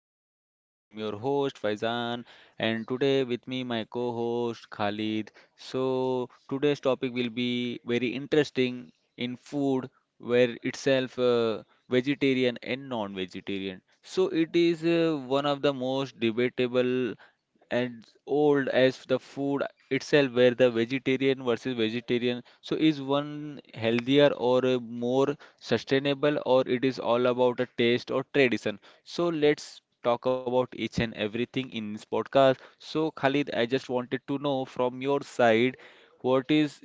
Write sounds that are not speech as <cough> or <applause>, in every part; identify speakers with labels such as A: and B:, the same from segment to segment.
A: my podcast. I'm your host Faizan and today with me my co-host Khalid. So today's topic will be very interesting in food where itself vegetarian and non-vegetarian. So it is one of the most debatable and old as the food itself where the vegetarian versus vegetarian, so is one healthier or more sustainable, or it is all about a taste or tradition? So let's talk about each and everything in this podcast. So Khalid, I just wanted to know from your side, what is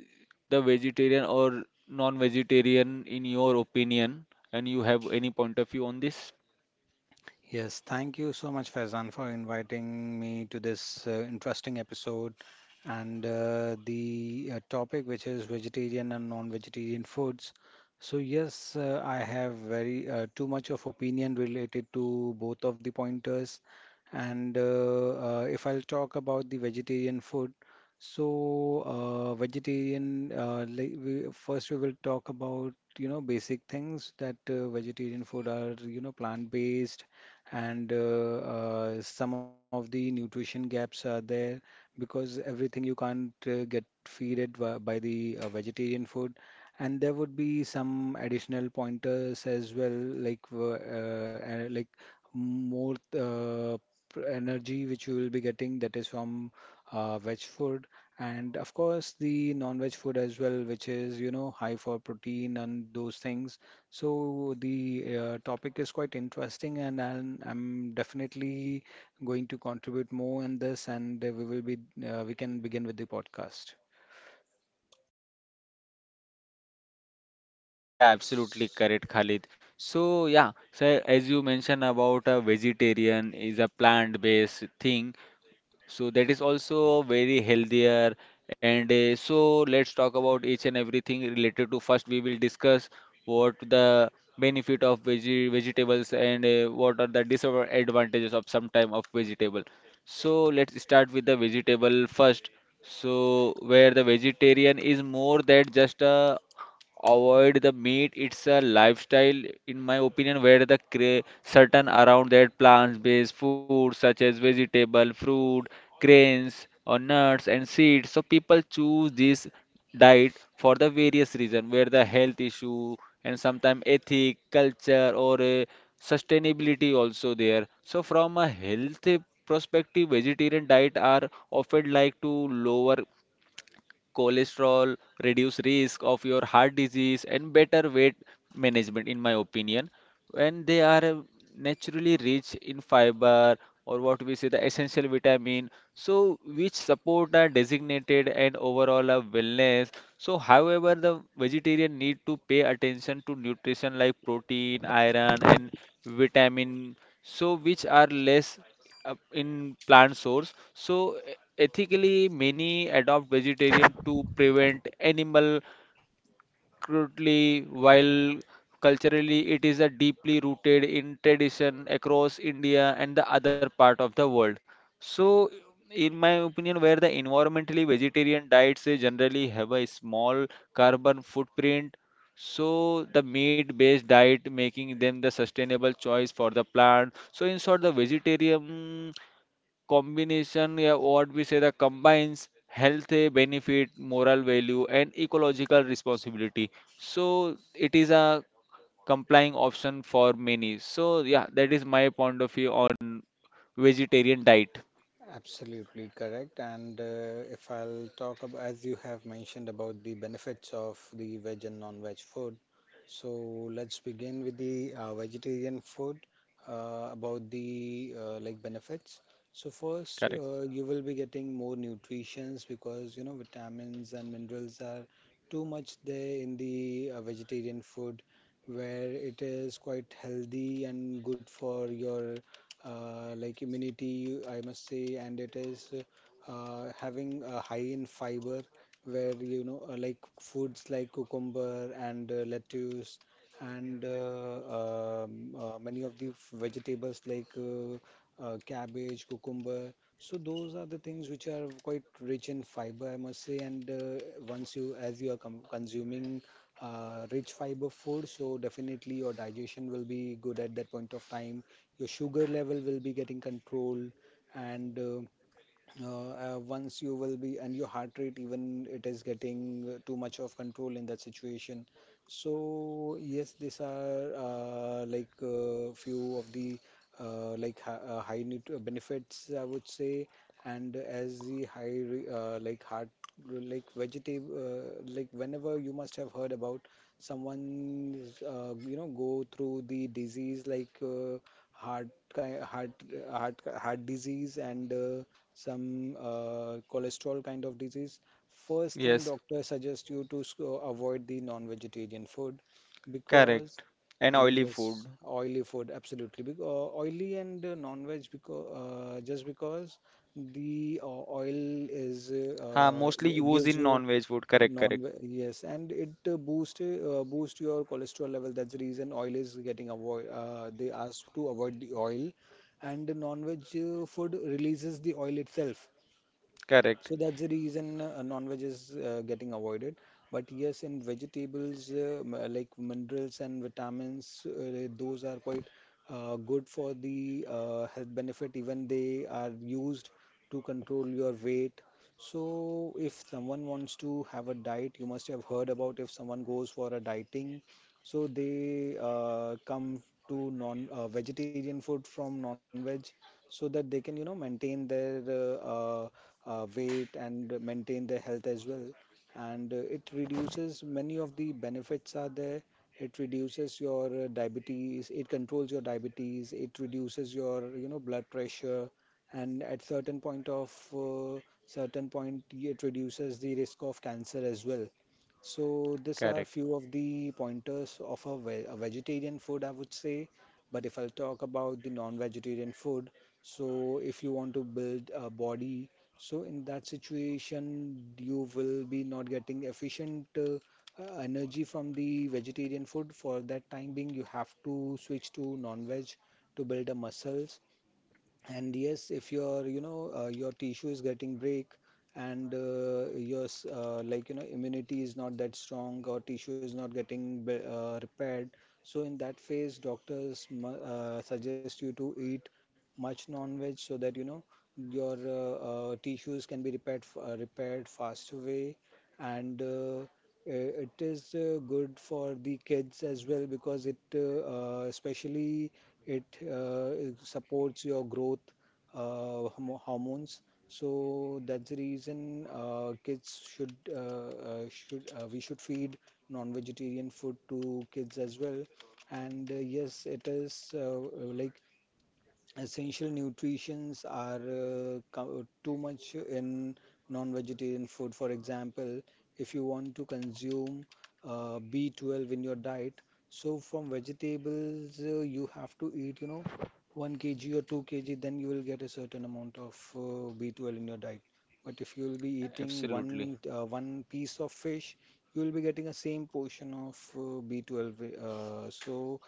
A: the vegetarian or non-vegetarian in your opinion? And you have any point of view on this?
B: Yes, thank you so much, Faizan, for inviting me to this interesting episode. And the topic, which is vegetarian and non-vegetarian foods. So yes, I have very too much of opinion related to both of the pointers. And If I'll talk about the vegetarian food, first we will talk about basic things, that vegetarian food are, plant-based, and some of the nutrition gaps are there because everything you can't get feeded by the vegetarian food. And there would be some additional pointers as well, like more energy which you will be getting, that is from veg food, and of course the non-veg food as well, which is, high for protein and those things. So the topic is quite interesting, and I'm definitely going to contribute more in this, and we will be we can begin with the podcast.
A: Yeah, absolutely correct, Khalid. So, yeah, so as you mentioned about a vegetarian is a plant-based thing, so that is also very healthier. And so let's talk about each and everything related to, first we will discuss what the benefit of veggie vegetables and what are the disadvantages of some type of vegetable. So let's start with the vegetable first. So where the vegetarian is more than just a avoid the meat, it's a lifestyle in my opinion, where the certain around that plant based food such as vegetable, fruit, grains or nuts and seeds. So people choose this diet for the various reason, where the health issue and sometimes ethic, culture or a sustainability also there. So from a health perspective, vegetarian diet are often like to lower cholesterol, reduce risk of your heart disease, and better weight management, in my opinion, when they are naturally rich in fiber or what we say the essential vitamin, so which support are designated and overall a wellness. So however, the vegetarian need to pay attention to nutrition like protein, iron and vitamin, so which are less in plant source. So ethically many adopt vegetarian to prevent animal crudely, while culturally it is a deeply rooted in tradition across India and the other part of the world. So, in my opinion, where the environmentally vegetarian diets, they generally have a small carbon footprint, so the meat-based diet making them the sustainable choice for the plant. So, in short, the vegetarian combination, yeah, what we say that combines health benefit, moral value and ecological responsibility. So it is a complying option for many. So yeah, that is my point of view on vegetarian diet.
B: Absolutely correct. And if I'll talk about, as you have mentioned, about the benefits of the veg and non-veg food, so let's begin with the vegetarian food, about the like benefits. So first,
A: Correct.
B: you will be getting more nutritions, because vitamins and minerals are too much there in the vegetarian food, where it is quite healthy and good for your like immunity, I must say, and it is having a high in fiber, where, like foods like cucumber and lettuce and many of the vegetables like cabbage, cucumber. So those are the things which are quite rich in fiber, I must say. And once you, as you are com consuming rich fiber food, so definitely your digestion will be good at that point of time, your sugar level will be getting controlled, and uh, once you will be and your heart rate even, it is getting too much of control in that situation. So yes, these are few of the high nut benefits, I would say. And as the high re- like heart like vegetative like, whenever you must have heard about someone's, go through the disease like heart, ki- heart heart disease, and some cholesterol kind of disease, first thing
A: Yes,
B: doctor suggests you to avoid the non-vegetarian food, because
A: correct. And oily food.
B: yes, oily food, absolutely. Because oily and non-veg, because just because the oil is
A: Ha, mostly used
B: gives
A: in
B: you
A: non-veg food. Correct,
B: non
A: correct,
B: yes, and it boost your cholesterol level. That's the reason oil is getting avoid they ask to avoid the oil, and the non-veg food releases the oil itself. So
A: correct,
B: that's the reason non-veg is getting avoided. But yes, in vegetables, like minerals and vitamins, those are quite good for the health benefit. Even they are used to control your weight. So if someone wants to have a diet, you must have heard, about if someone goes for a dieting, so they come to non vegetarian food from non-veg, so that they can, you know, maintain their weight and maintain their health as well. And it reduces, many of the benefits are there. It reduces your diabetes, it controls your diabetes, it reduces your, you know, blood pressure, and at certain point, it reduces the risk of cancer as well. So these are
A: correct.
B: few of the pointers of a vegetarian food, I would say. But if I'll talk about the non-vegetarian food, so if you want to build a body, so in that situation you will be not getting efficient energy from the vegetarian food. For that time being, you have to switch to non-veg to build the muscles. And yes, if your, you know, your tissue is getting break, and like, you know, immunity is not that strong, or tissue is not getting repaired. So in that phase, doctors mu suggest you to eat much non-veg, so that, you know, your tissues can be repaired, repaired faster way. And it is good for the kids as well, because especially it it supports your growth hormones. So that's the reason, kids should, we should feed non-vegetarian food to kids as well. And yes, it is like, essential nutrients are too much in non-vegetarian food. For example, if you want to consume B12 in your diet, so from vegetables, you have to eat, you know, 1 kg or 2 kg, then you will get a certain amount of B12 in your diet. But if you will be eating
A: Absolutely.
B: one piece of fish, you will be getting a same portion of B12. So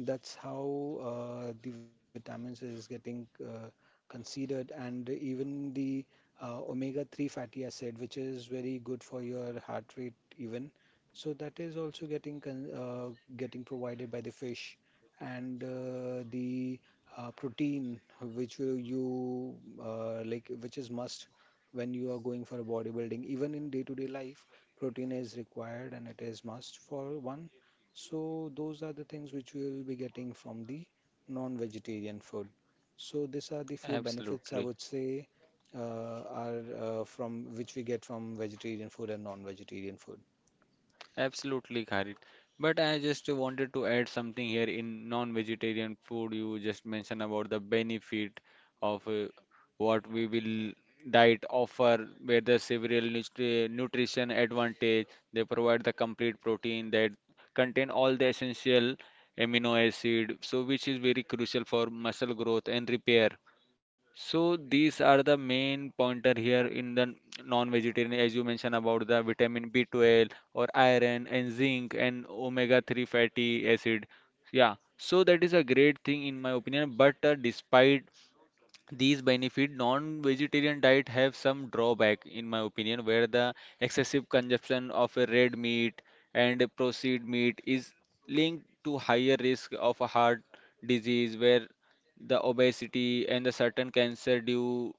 B: that's how the vitamins is getting considered, and even the omega-3 fatty acid, which is very good for your heart rate, even. So that is also getting provided by the fish, and the protein, which is must when you are going for a bodybuilding. Even in day-to-day life, protein is required, and it is must for one. So those are the things which we will be getting from the non-vegetarian food. So these are the few benefits I
A: Absolutely.
B: would say uh, are from which we get, from vegetarian food and non-vegetarian food.
A: Absolutely, Khalid. But I just wanted to add something here in non-vegetarian food. You just mentioned about the benefit of what we will diet offer, where the several nutrition advantage. They provide the complete protein that contain all the essential amino acid, so which is very crucial for muscle growth and repair. So these are the main pointer here in the non-vegetarian, as you mentioned about the vitamin B12 or iron and zinc and omega-3 fatty acid. Yeah, so that is a great thing in my opinion. But despite these benefit, non-vegetarian diet have some drawback in my opinion, where the excessive consumption of a red meat and a processed meat is linked to higher risk of a heart disease, where the obesity and the certain cancer due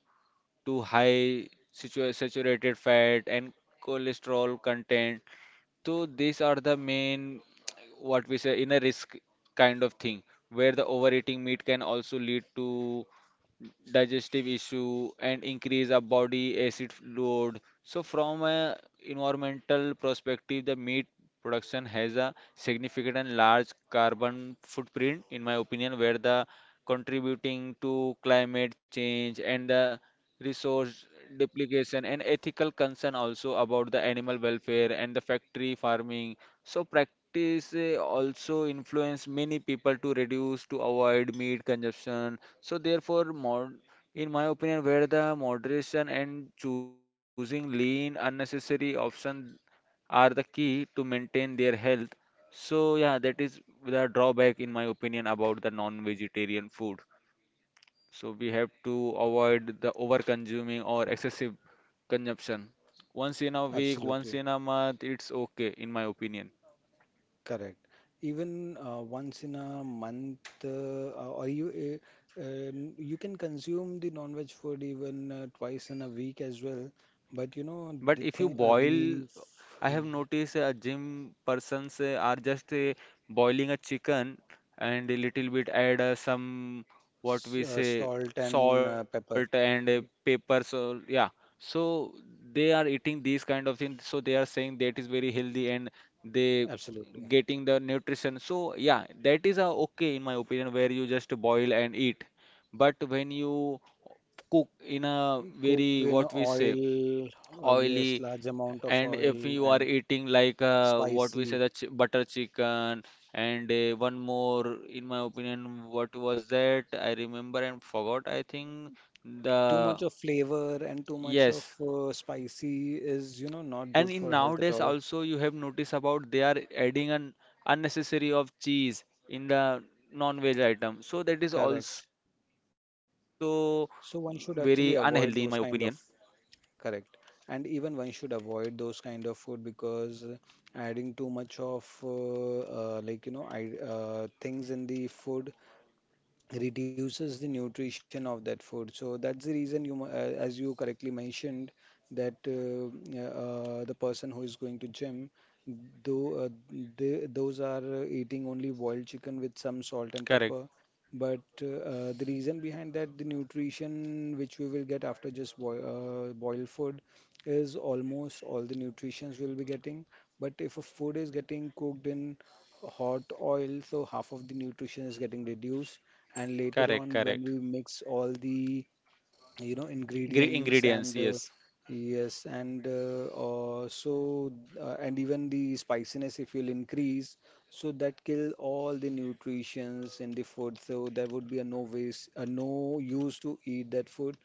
A: to high saturated fat and cholesterol content. So these are the main, what we say, inner risk kind of thing, where the overeating meat can also lead to digestive issue and increase our body acid load. So from a environmental perspective, the meat production has a significant and large carbon footprint, in my opinion, where the contributing to climate change and the resource duplication and ethical concern also about the animal welfare and the factory farming. So practice, also influence many people to reduce to avoid meat consumption. So therefore, mod in my opinion, where the moderation and choosing lean unnecessary option are the key to maintain their health. So yeah, that is the drawback in my opinion about the non-vegetarian food. So we have to avoid the over-consuming or excessive consumption. Once in a week, once
B: Absolutely
A: in a month, it's okay in my opinion.
B: correct. Even once in a month, uh, or you uh, uh, you can consume the non-veg food even twice in a week as well. But you know
A: But
B: the
A: if you
B: thing,
A: boil, I have noticed gym persons are just boiling a chicken and a little bit add some, what
B: s-
A: we say,
B: salt and
A: salt
B: pepper.
A: and pepper. So yeah, so they are eating these kind of things. So they are saying that is very healthy and they
B: Absolutely.
A: getting the nutrition. So yeah, that is okay in my opinion, where you just boil and eat. But when you cook in a
B: Cook
A: very,
B: in
A: what we say,
B: oil, yes,
A: oily,
B: large amount of
A: and if
B: oil
A: you are
B: and
A: eating like what we say,
B: spicy.
A: the ch butter chicken, and one more in my opinion, what was that? I remember and forgot. I think the,
B: Too much of flavor and too much of
A: yes.
B: spicy is, you know, not
A: And
B: good
A: in
B: for health at
A: nowadays
B: all.
A: also, you have noticed about they are adding an unnecessary of cheese in the non-veg item, so that is
B: Correct.
A: also very
B: So one
A: unhealthy
B: should
A: in my
B: actually
A: opinion.
B: avoid those kind of, correct. And even one should avoid those kind of food, because adding too much of things in the food, reduces the nutrition of that food. So that's the reason you, as you correctly mentioned, that the person who is going to gym, though those are eating only boiled chicken with some salt and
A: Correct,
B: pepper. But the reason behind that, the nutrition which we will get after just boil, boiled food, is almost all the nutritions we'll be getting. But if a food is getting cooked in hot oil, so half of the nutrition is getting reduced, and later
A: correct,
B: on when
A: correct.
B: we mix all the, you know,
A: Gre
B: ingredients,
A: ingredients,
B: and
A: yes,
B: yes, and also and even the spiciness if you'll increase, so that kill all the nutritions in the food. So there would be a no waste, a no use to eat that food,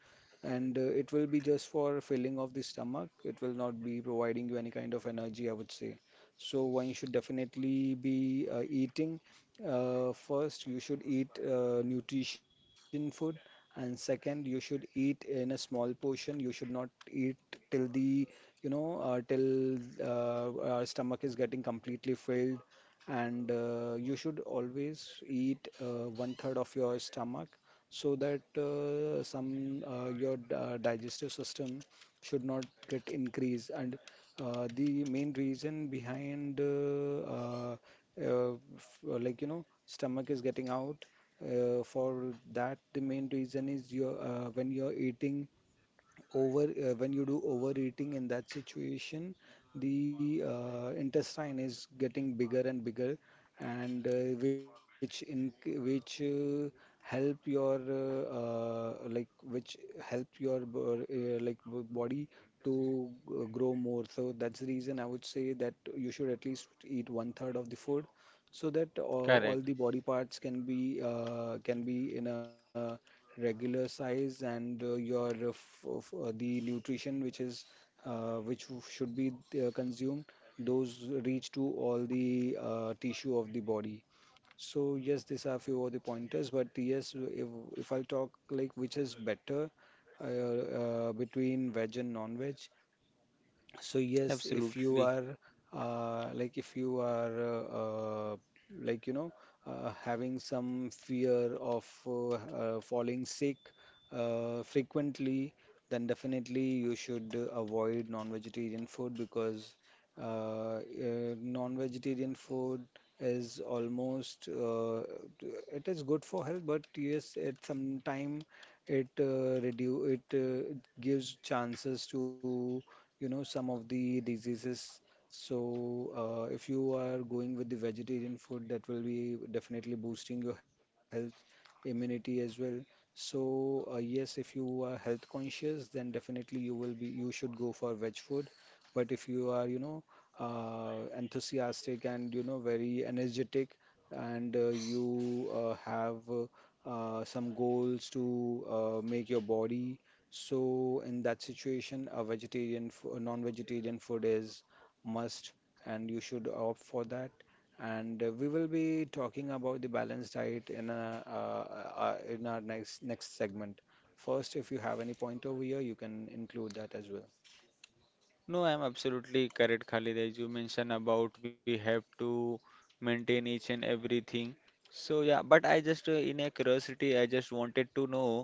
B: and it will be just for filling of the stomach, it will not be providing you any kind of energy, I would say. So one should definitely be eating, first you should eat nutrition food, and second, you should eat in a small portion. You should not eat till the, you know, till our stomach is getting completely filled. And you should always eat one third of your stomach, so that some your digestive system should not get increased. And the main reason behind like, you know, stomach is getting out, for that, the main reason is your, when you're eating over when you do overeating in that situation, the intestine is getting bigger and bigger, and which in which help your like which help your body to grow more. So that's the reason I would say that you should at least eat one third of the food, so that
A: correct.
B: all the body parts can be can be in a regular size, and your the nutrition which should be consumed, those reach to all the tissue of the body. So yes, these are few of the pointers, but yes, if I'll talk like which is better between veg and non-veg. So yes, if
A: Absolutely.
B: you are uh, like if you are uh, uh, like you know having some fear of falling sick frequently, then definitely you should avoid non-vegetarian food because uh, uh, non-vegetarian food is almost it is good for health, but yes, at some time it reduce it uh, gives chances to some of the diseases. So if you are going with the vegetarian food, that will be definitely boosting your health immunity as well. So yes, if you are health conscious, then definitely you will be you should go for veg food. But if you are, enthusiastic, and very energetic, and you have some goals to make your body. So in that situation, a non-vegetarian food is must, and you should opt for that. And we will be talking about the balanced diet in our next segment. First, if you have any point over here, you can include that as well.
A: No, I'm absolutely correct, Khalid. As you mentioned about, we have to maintain each and everything. So yeah, but I just in a curiosity, I just wanted to know,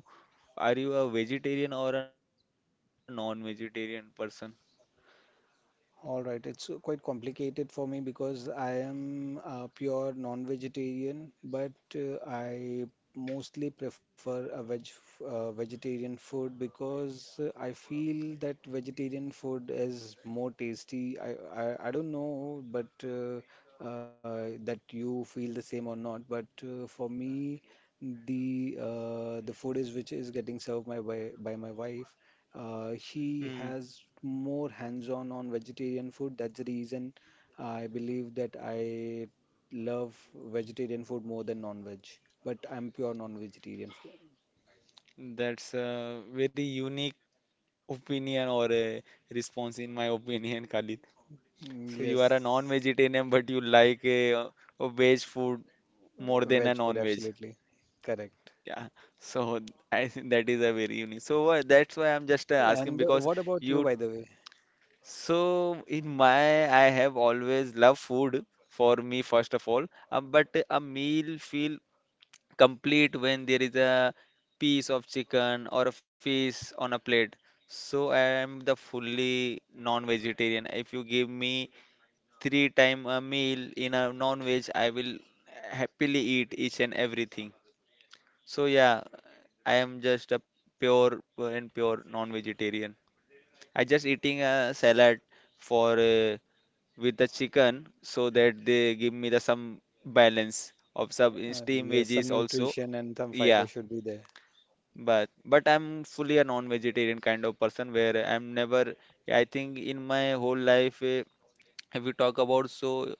A: are you a vegetarian or a non-vegetarian person?
B: All right, it's quite complicated for me because I am a pure non-vegetarian, but I mostly prefer a veg vegetarian food because I feel that vegetarian food is more tasty. I don't know, but that you feel the same or not. But for me, the food is which is getting served my by my wife. He
A: Mm,
B: has more hands-on on vegetarian food. That's the reason I believe that I love vegetarian food more than non-veg. But I'm pure non-vegetarian food.
A: that's a very unique opinion or a response in my <laughs> opinion, Khalid. So you are a
B: Yes,
A: non-vegetarian, but you like a veg food more than a
B: veg food,
A: non-veg.
B: absolutely. Correct.
A: Yeah, so I think that is a very unique. So that's why I'm just asking
B: And
A: because
B: what about you,
A: you.
B: by the way?
A: So in my, I have always loved food for me first of all. But a meal feel complete when there is a piece of chicken or a fish on a plate. So I am the fully non-vegetarian. If you give me three time a meal in a non-veg, I will happily eat each and everything. So yeah, I am just a pure and pure non-vegetarian. I just eating a salad for with the chicken so that they give me the some balance of some steam
B: Yes,
A: veggies
B: some
A: also.
B: nutrition and some
A: Yeah,
B: fiber should be there.
A: but I'm fully a non-vegetarian kind of person where I'm never. I think in my whole life, if we talk about so,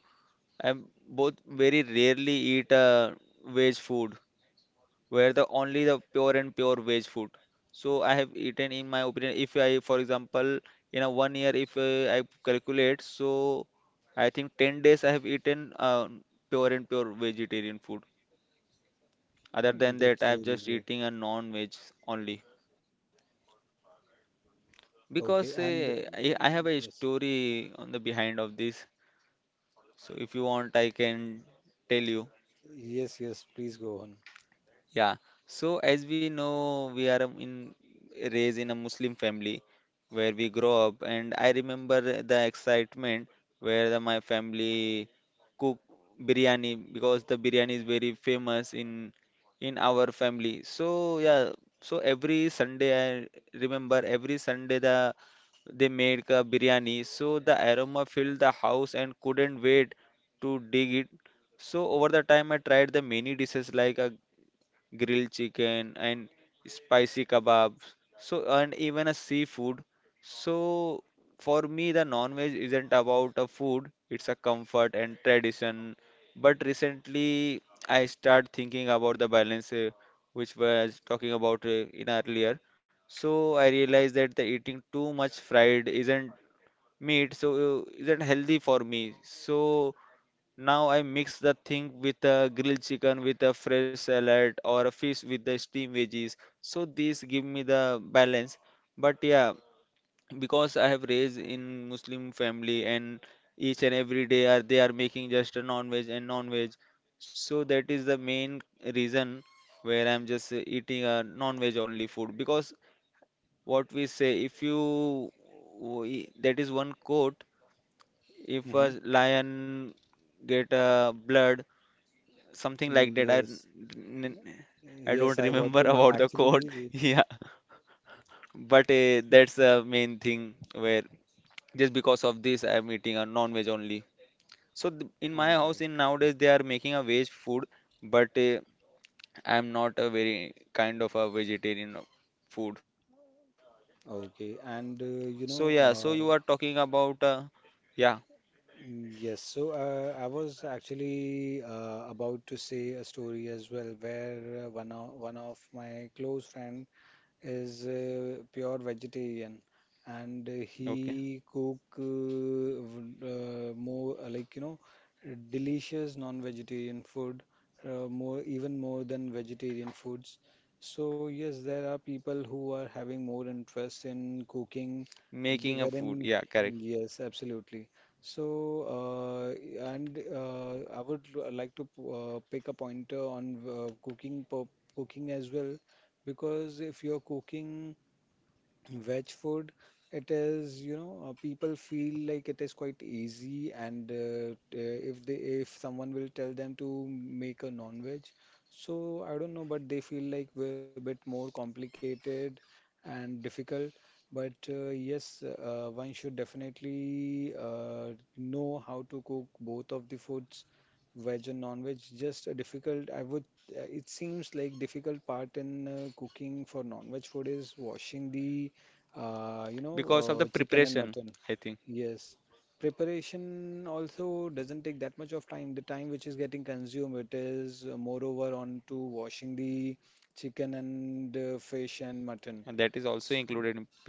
A: I'm both very rarely eat veg food. Where the only the pure and pure veg food. So I have eaten, in my opinion, if I, for example, in a 1 year, if I calculate, so I think 10 days I have eaten pure and pure vegetarian food. Other than
B: Mm,
A: that, I
B: that's
A: have
B: really
A: just
B: great.
A: eating a non-veg only. Because
B: Okay,
A: uh,
B: and
A: I, I have a
B: yes,
A: story on the behind of this. So if you want, I can tell you.
B: yes, yes, please go on.
A: Yeah. So as we know, we are in raised in a Muslim family where we grow up, and I remember the excitement where the, my family cook biryani because the biryani is very famous in our family. So yeah, so every Sunday I remember every Sunday the they made a biryani, so the aroma filled the house and couldn't wait to dig it. So over the time, I tried the many dishes like a grilled chicken and spicy kebabs. So and even a seafood. So for me, the non-veg isn't about a food, it's a comfort and tradition. But recently I start thinking about the balance, which was talking about in earlier. So I realized that the eating too much fried isn't meat, so isn't healthy for me. So now I mix the thing with a grilled chicken with a fresh salad or a fish with the steamed veggies. So these give me the balance. But yeah, because I have raised in Muslim family and each and every day are they are making just a non-veg and non-veg. So that is the main reason where I'm just eating a non-veg only food, because what we say if you, that is one quote, if
B: Hmm.
A: a lion get blood, something like that.
B: Yes,
A: N- I
B: yes,
A: don't
B: I got
A: remember <laughs>
B: to know.
A: about the
B: Actually,
A: code. <laughs> Yeah, but that's the main thing, where just because of this I'm eating a non-veg only. So th in my
B: all
A: house
B: right.
A: in nowadays they are making a veg food, but I'm not a very kind of a vegetarian of food.
B: Okay.
A: So
B: And
A: yeah, so
B: you
A: you are talking
B: know,
A: about yeah,
B: yes, so I was actually about to say a story as well, where one of my close friend is pure vegetarian, and
A: okay,
B: he cook more, like, you know, delicious non-vegetarian food, more, even more than vegetarian foods. So yes, there are people who are having more interest in cooking,
A: making a food.
B: wherein
A: Yeah, correct.
B: yes, absolutely. So and I would like to pick a pointer on cooking as well, because if you're cooking veg food, it is, you know, people feel like it is quite easy, and if someone will tell them to make a non-veg, so I don't know, but they feel like we're a bit more complicated and difficult. But yes, one should definitely know how to cook both of the foods, veg and non-veg. Just a difficult, I would, it seems like difficult part in cooking for non-veg food is washing the
A: Because of the preparation,
B: chicken and
A: I think.
B: mutton. Yes. Preparation also doesn't take that much of time. The time which is getting consumed, it is moreover on to washing the chicken and
A: And that is
B: fish
A: also
B: and
A: included in
B: mutton. S-
A: preparation. Correct.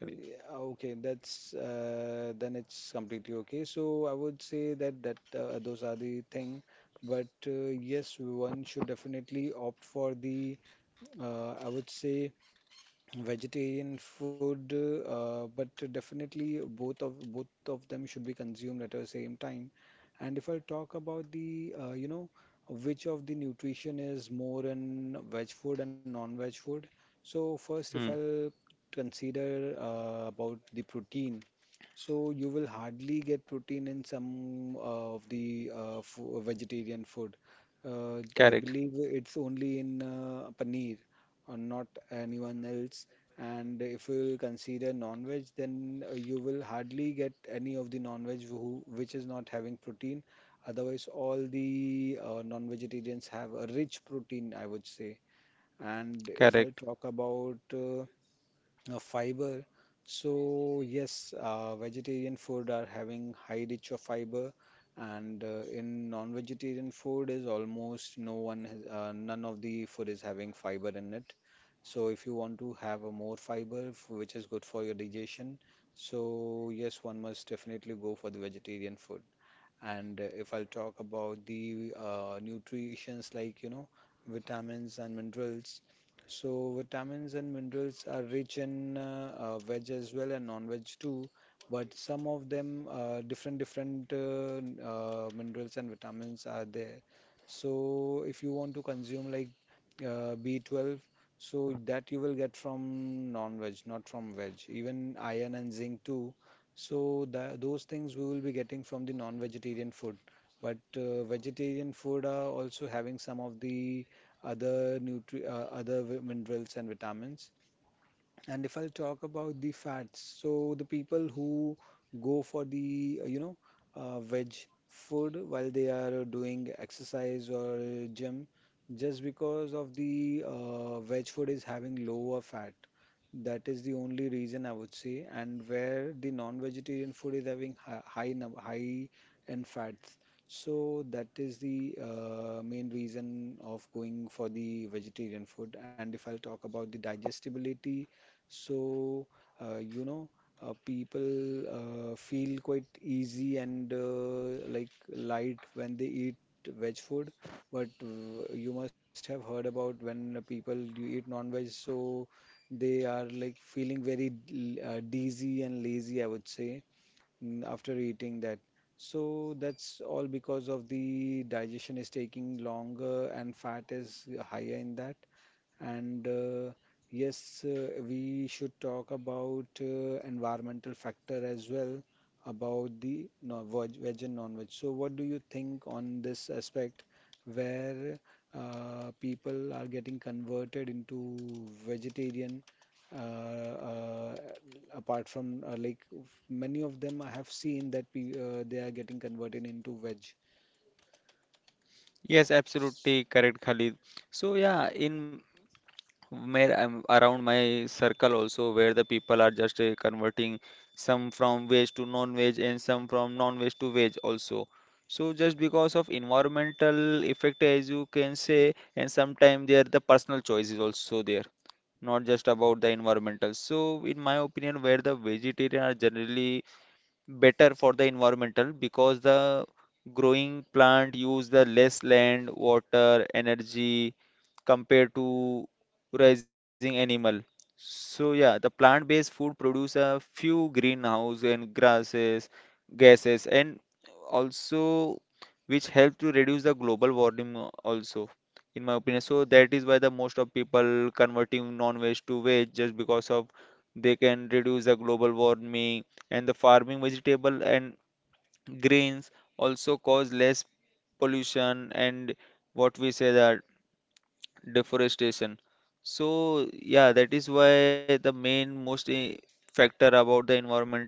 B: yeah, okay, that's then it's completely okay. So I would say that those are the thing, but yes, one should definitely opt for the, I would say, vegetarian food, but definitely both of them should be consumed at the same time. And if I talk about the, you know, which of the nutrition is more in veg food and non-veg food. So first, if
A: Hmm,
B: I'll consider about the protein, so you will hardly get protein in some of the fo vegetarian food. I
A: correct.
B: believe it's only in paneer, or not anyone else. And if you consider non-veg, then you will hardly get any of the non-veg which is not having protein. Otherwise, all the non-vegetarians have a rich protein, I would say. And if
A: Correct.
B: I'll talk about fiber. So yes, vegetarian food are having high reach of fiber, and in non-vegetarian food is almost no one has, none of the food is having fiber in it. So if you want to have a more fiber, which is good for your digestion, so yes, one must definitely go for the vegetarian food. And if I'll talk about the nutritions like, you know, vitamins and minerals. So vitamins and minerals are rich in veg as well and non-veg too, but some of them different different minerals and vitamins are there. So if you want to consume like, B12, so that you will get from non-veg, not from veg. Even iron and zinc too, so tha those things we will be getting from the non-vegetarian food. But vegetarian food are also having some of the other minerals and vitamins. And if I'll talk about the fats, so the people who go for the, you know, veg food while they are doing exercise or gym, just because of the veg food is having lower fat. That is the only reason I would say. And where the non-vegetarian food is having high in fats. So that is the main reason of going for the vegetarian food. And if I'll talk about the digestibility, so, you know, people feel quite easy and like light when they eat veg food. But you must have heard about when people do eat non-veg, so they are like feeling very dizzy and lazy, I would say, after eating that. So that's all because of the digestion is taking longer and fat is higher in that. And yes, we should talk about environmental factor as well about the veg and non-veg. So, what do you think on this aspect, where people are getting converted into vegetarian? Uh, uh, Apart from like, many of them, I have seen that pe they are getting converted into veg.
A: Yes, absolutely correct, Khalid. So yeah, in where I'm around my circle also, where the people are just converting some from veg to non-veg and some from non-veg to veg also. So just because of environmental effect, as you can say, and sometimes there the personal choice is also there, not just about the environmental. So in my opinion, where the vegetarian are generally better for the environmental because the growing plant use the less land, water, energy compared to raising animal. So yeah, the plant-based food produce a few greenhouse and grasses, gases, and also which help to reduce the global warming also, in my opinion. So that is why the most of people converting non-veg to veg just because of they can reduce the global warming and the farming vegetable and grains also cause less pollution and what we say that deforestation. So yeah, that is why the main most factor about the environmental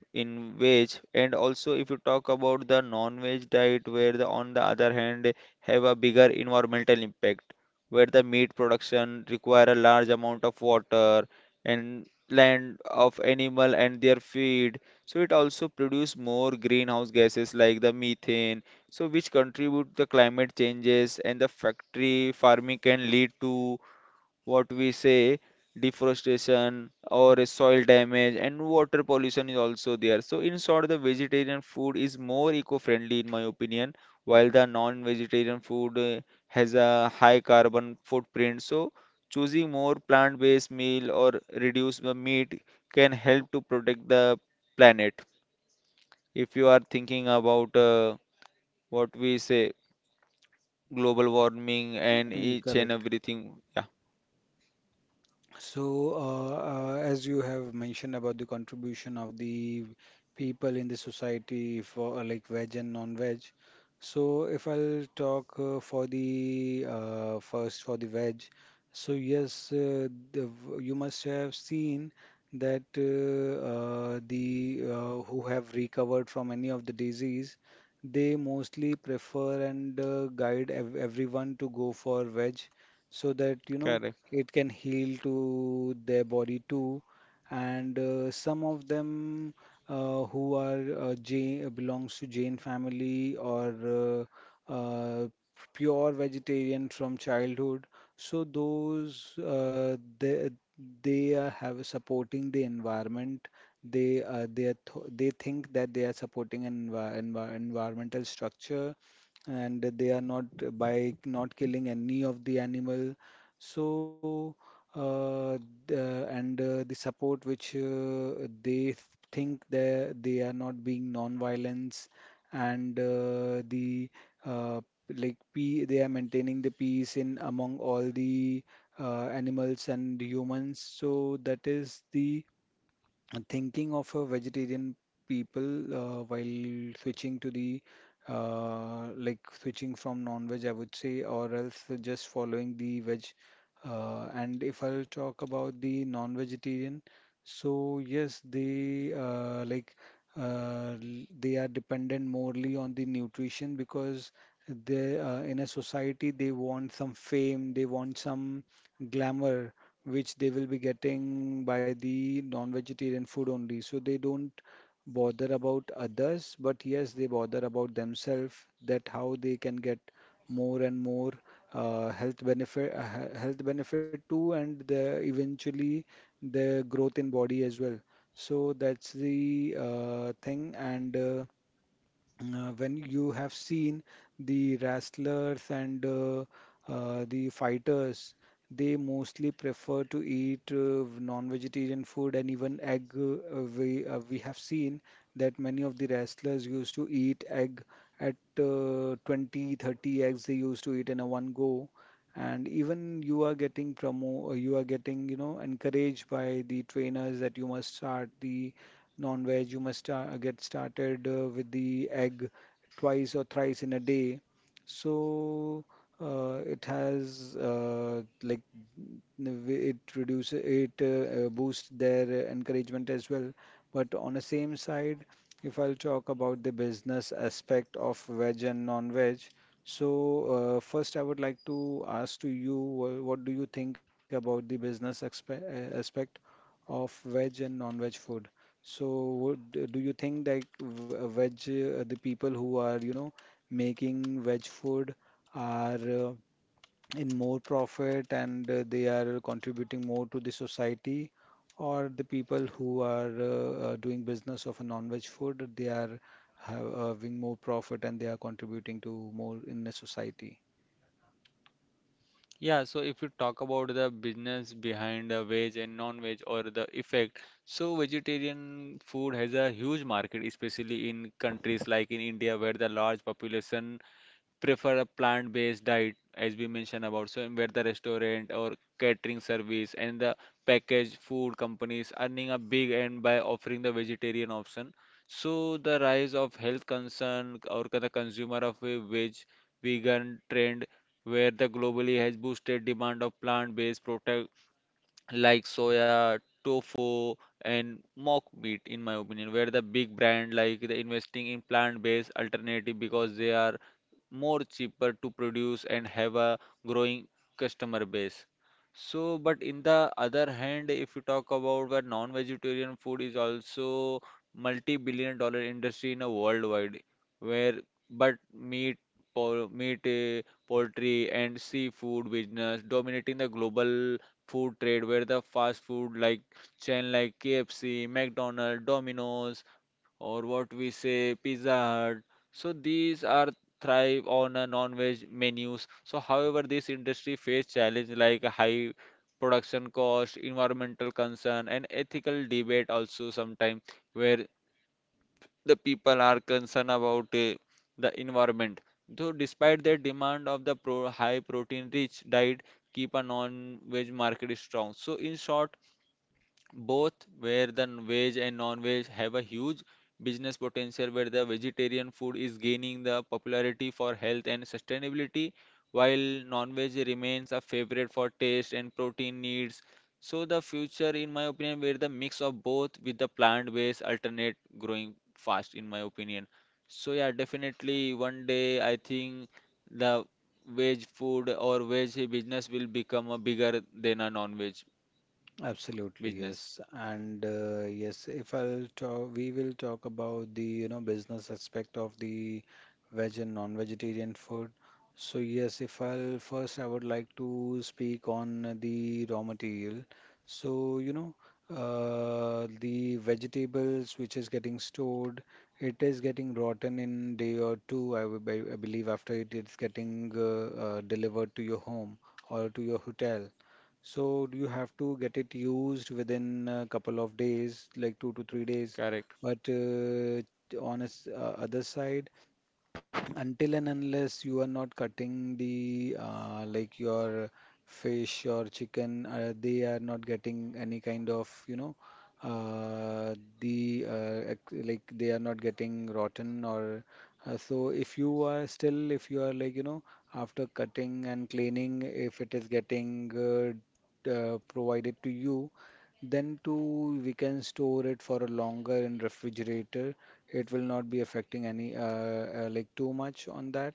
A: in veg. And also if you talk about the non-veg diet where the, on the other hand have a bigger environmental impact where the meat production require a large amount of water and land of animal and their feed, so it also produce more greenhouse gases like the methane, so which contribute the climate changes and the factory farming can lead to what we say deforestation or a soil damage and water pollution is also there. So in short, the vegetarian food is more eco-friendly in my opinion, while the non-vegetarian food has a high carbon footprint. So choosing more plant-based meal or reduce the meat can help to protect the planet if you are thinking about what we say global warming and
B: Mm.
A: each and
B: Correct.
A: everything. Yeah,
B: So, as you have mentioned about the contribution of the people in the society for like, veg and non-veg. So, if I'll talk for the first for the veg, so yes, you must have seen that the who have recovered from any of the disease, they mostly prefer, and guide ev everyone to go for veg, so that, you know,
A: correct.
B: it can heal to their body too. And some of them, who are Jain, belongs to Jain family, or uh, uh, pure vegetarian from childhood. So those they have supporting the environment. They think that they are supporting an environmental structure, and they are not, by not killing any of the animal, so, uh, the support which they think they are not being non-violence, and the uh, like pe they are maintaining the peace in, among all the animals and humans. So that is the and thinking of a vegetarian people, while switching to the like switching from non-veg, I would say, or else just following the veg. And if I'll talk about the non-vegetarian, so yes, they are dependent morely on the nutrition, because they in a society, they want some fame, they want some glamour, which they will be getting by the non-vegetarian food only. So they don't bother about others, but yes, they bother about themselves, that how they can get more and more health benefit, health benefit too, and the eventually the growth in body as well. So that's the thing. And. Uh, uh, when you have seen the wrestlers and the fighters, they mostly prefer to eat non-vegetarian food and even egg. We have seen that many of the wrestlers used to eat egg at 20, 30 eggs they used to eat in a one go. And even you are getting you are getting, you know, encouraged by the trainers, that you must start the non-veg, get started with the egg twice or thrice in a day. So it has it reduces it boosts their encouragement as well. But on the same side, if I'll talk about the business aspect of veg and non-veg, so first I would like to ask to you, what do you think about the aspect of veg and non-veg food? So, do you think like veg, the people who are, making veg food are in more profit and they are contributing more to the society, or the people who are doing business of a non-veg food, they are ha having more profit and they are contributing to more in the society?
A: Yeah, so if you talk about the business behind the veg and non-veg or the effect, so vegetarian food has a huge market, especially in countries like in India where the large population prefer a plant-based diet as we mentioned about. So where the restaurant or catering service and the packaged food companies earning a big end by offering the vegetarian option. So the rise of health concern or the consumer of a vegan trend where the globally has boosted demand of plant-based product like soya, tofu, and mock meat, in my opinion, where the big brand like the investing in plant-based alternative because they are more cheaper to produce and have a growing customer base. So, but in the other hand, if you talk about where non-vegetarian food is also multi-billion dollar industry in a worldwide, where but meat, pol meat, eh, poultry, and seafood business dominating the global food trade where the fast food like chain like KFC, McDonald's, Domino's, or what we say Pizza Hut. So these are thrive on a non-veg menus. So however, this industry face challenge like high production cost, environmental concern, and ethical debate also sometimes where the people are concerned about the environment. Though despite their demand of the high protein rich diet, keep a non-veg market strong. So in short, both where the veg and non-veg have a huge business potential where the vegetarian food is gaining the popularity for health and sustainability, while non-veg remains a favorite for taste and protein needs. So the future in my opinion where the mix of both with the plant-based alternate growing fast in my opinion. So yeah, definitely one day I think the veg food or veg business will become a bigger than a non-veg
B: Absolutely,
A: business.
B: yes. And yes, if I'll talk, we will talk about the, you know, business aspect of the veg and non-vegetarian food. So yes, if I'll first, I would like to speak on the raw material. So, you know, the vegetables which is getting stored, it is getting rotten in day or two, I, I believe after it is getting delivered to your home or to your hotel. So do you have to get it used within a couple of days, like 2 to 3 days?
A: Correct.
B: But on its other side, until and unless you are not cutting the like your fish or chicken they are not getting any kind of you know uh, the like they are not getting rotten or so if you are like you know after cutting and cleaning if it is getting provided to you, then too we can store it for a longer in refrigerator. It will not be affecting any like too much on that,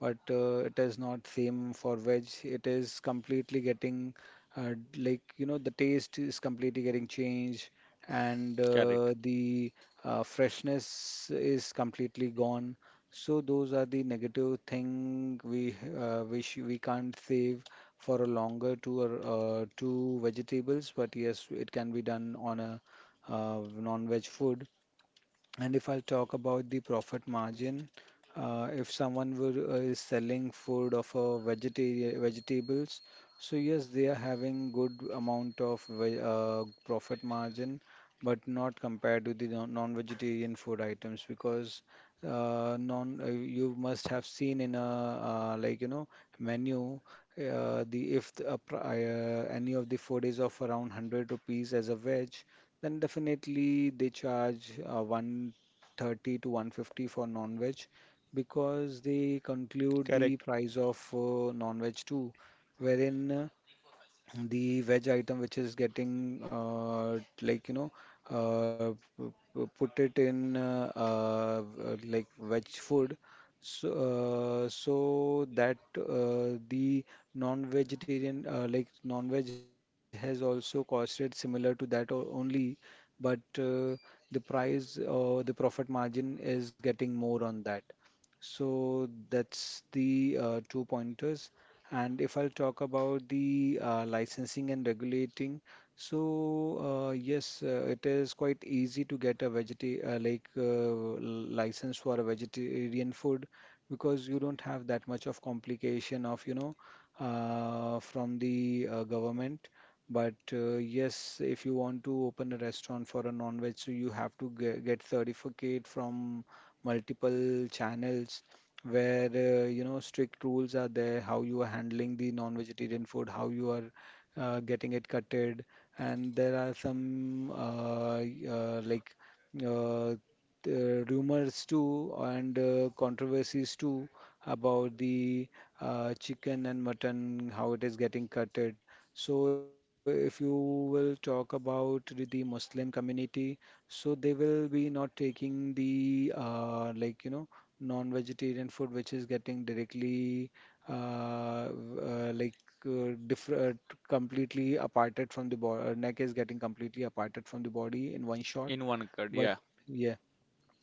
B: but it is not same for veg. It is completely getting like you know the taste is completely getting changed, and
A: Correct.
B: the freshness is completely gone. So those are the negative thing we wish we can't save for a longer two or two vegetables, but yes, it can be done on a non-veg food. And if I'll talk about the profit margin, if someone is selling food of a vegetables, so yes, they are having good amount of ve profit margin, but not compared to the non-vegetarian food items because non you must have seen in a like you know menu. The if the, any of the food is of around 100 rupees as a veg, then definitely they charge 130 to 150 for non-veg because they
A: Correct.
B: conclude the price of non-veg too, wherein the veg item which is getting like you know put it in like veg food, so so that the non-vegetarian like non-veg has also costed similar to that only, but the price or the profit margin is getting more on that, so that's the two pointers. And if I'll talk about the licensing and regulating, so yes, it is quite easy to get a vegeta like license for a vegetarian food because you don't have that much of complication of you know from the government. But yes, if you want to open a restaurant for a non-veg, so you have to get certificate from multiple channels where you know strict rules are there, how you are handling the non-vegetarian food, how you are getting it cutted, and there are some like uh, the rumors too and controversies too about the chicken and mutton, how it is getting cutted. So if you will talk about the Muslim community, so they will be not taking the like you know non-vegetarian food which is getting directly like different completely aparted from the body, neck is getting completely aparted from the body in one shot,
A: In one cut,
B: but
A: yeah.
B: yeah.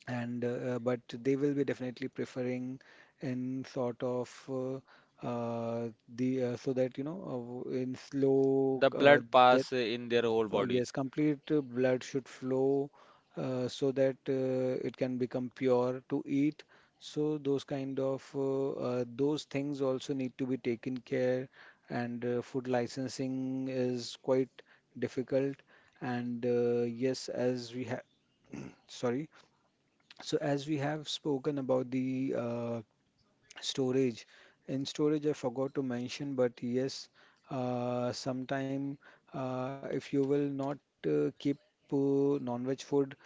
B: And but they will be definitely preferring in sort of uh, the so that you know in slow
A: The blood
B: that
A: pass in their whole body.
B: yes, complete blood should flow, so that it can become pure to eat. So those kind of those things also need to be taken care, and food licensing is quite difficult. And yes, as we have, sorry. So as we have spoken about the storage. In storage, I forgot to mention, but yes, sometime if you will not keep non-veg food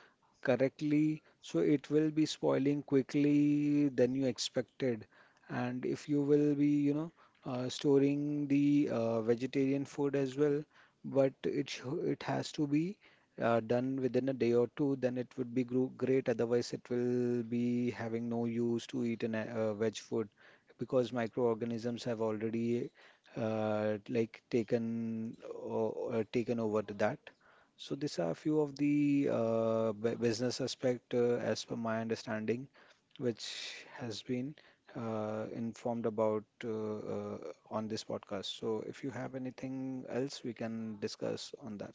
B: correctly, so it will be spoiling quickly than you expected. And if you will be, you know, storing the vegetarian food as well, but it has to be done within a day or two, then it would be gro great. Otherwise, it will be having no use to eat an veg food because microorganisms have already like taken over to that. So these are a few of the business aspect as per my understanding, which has been informed about on this podcast. So if you have anything else, we can discuss on that.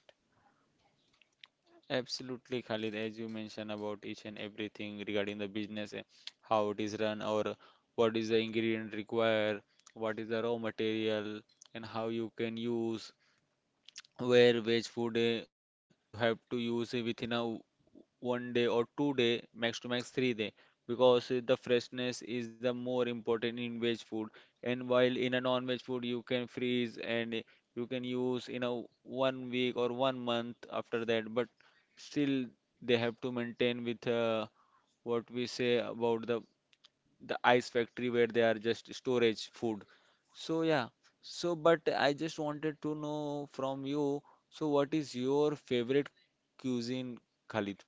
A: Absolutely, Khalid, as you mentioned about each and everything regarding the business, how it is run or what is the ingredient required, what is the raw material, and how you can use where veg food you have to use within a one day or 2 day max to max 3 day because the freshness is the more important in veg food. And while in a non-veg food you can freeze and you can use in a one week or one month after that, but still they have to maintain with what we say about the ice factory where they are just storage food. So yeah. So but I just wanted to know from you. So what is your favorite cuisine, Khalid?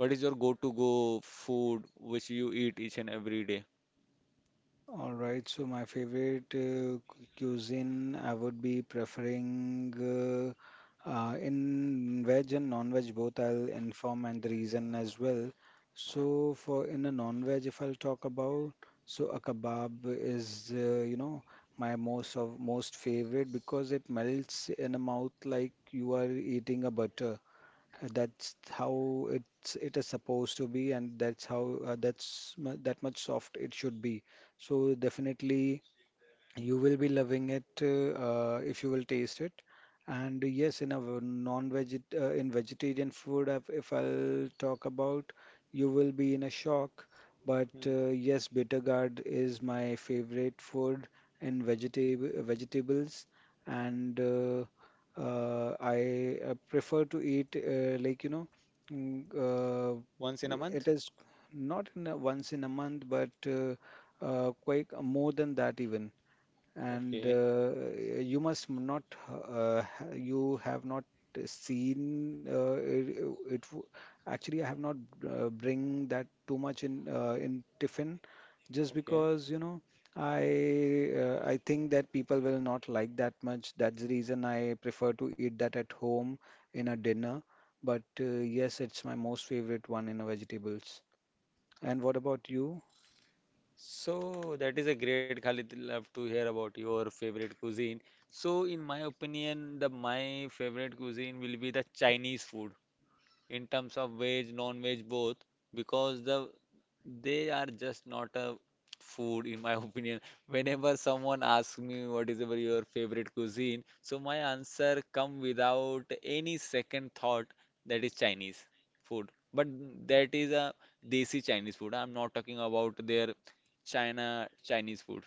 A: What is your go-to go food which you eat each and every day?
B: All right, so my favorite cuisine, I would be preferring in veg and non-veg both. I'll inform and the reason as well. So for in a non-veg, if I'll talk about, so a kebab is you know my most of most favorite because it melts in a mouth like you are eating a butter. That's how it is supposed to be, and that's how that's that much soft it should be. So definitely. You will be loving it if you will taste it. And yes, in a non-veg in vegetarian food, if I'll talk about, you will be in a shock. But
A: Hmm.
B: yes, bitter gourd is my favorite food in vegetables, and I prefer to eat like you know, mm, uh,
A: Once in a
B: it
A: month?
B: is not in a, once in a month, but quite more than that even, and
A: Okay,
B: you must not you have not seen it, it w- actually I have not bring that too much in tiffin, just
A: okay.
B: because you know I think that people will not like that much. That's the reason I prefer to eat that at home in a dinner, but yes, it's my most favorite one in a vegetables. And what about you?
A: So that is a great, Khalid. Love to hear about your favorite cuisine. So in my opinion, the my favorite cuisine will be the Chinese food in terms of veg, non-veg both, because the they are just not a food, in my <laughs> opinion. Whenever someone asks me what is ever your favorite cuisine, so my answer come without any second thought, that is Chinese food. But that is a desi Chinese food. I'm not talking about their China Chinese food.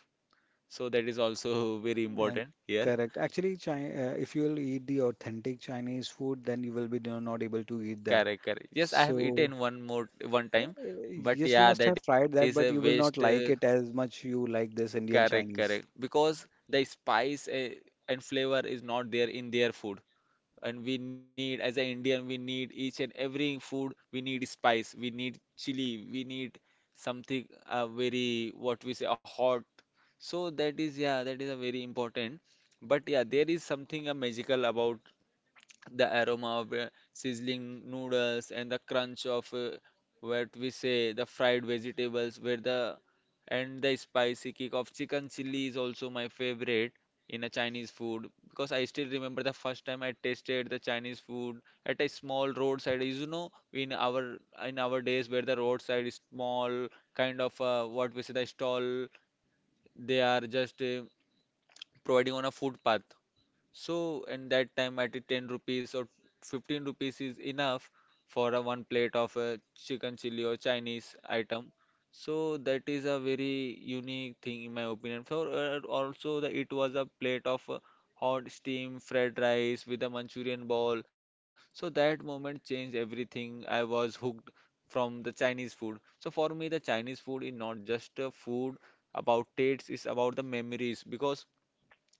A: So that is also <laughs> very
B: Uh,
A: important here.
B: correct. Actually, Chi if you'll eat the authentic Chinese food, then you will be not able to eat that.
A: Correct, correct. Yes, I have
B: So,
A: eaten one time, but
B: yes, you
A: yeah,
B: must
A: that
B: have
A: is a
B: tried that, but
A: waste.
B: you will not like it as much you like this Indian
A: Correct, correct.
B: Chinese.
A: Because the spice and flavor is not there in their food. And we need, as an Indian, we need each and every food, we need spice, we need chili, we need something very, what we say, a hot. So that is, yeah, that is a very important. But yeah, there is something magical about the aroma of sizzling noodles and the crunch of what we say the fried vegetables where the and the spicy kick of chicken chili is also my favorite in a Chinese food. Because I still remember the first time I tasted the Chinese food at a small roadside, you know, in our days where the roadside is small kind of what we say the stall, they are just providing on a footpath. So in that time, at the 10 rupees or 15 rupees is enough for a one plate of a chicken chili or Chinese item. So that is a very unique thing in my opinion. For also the it was a plate of hot steam fried rice with a Manchurian ball. So that moment changed everything. I was hooked from the Chinese food. So for me, the Chinese food is not just a food about tastes, it's about the memories, because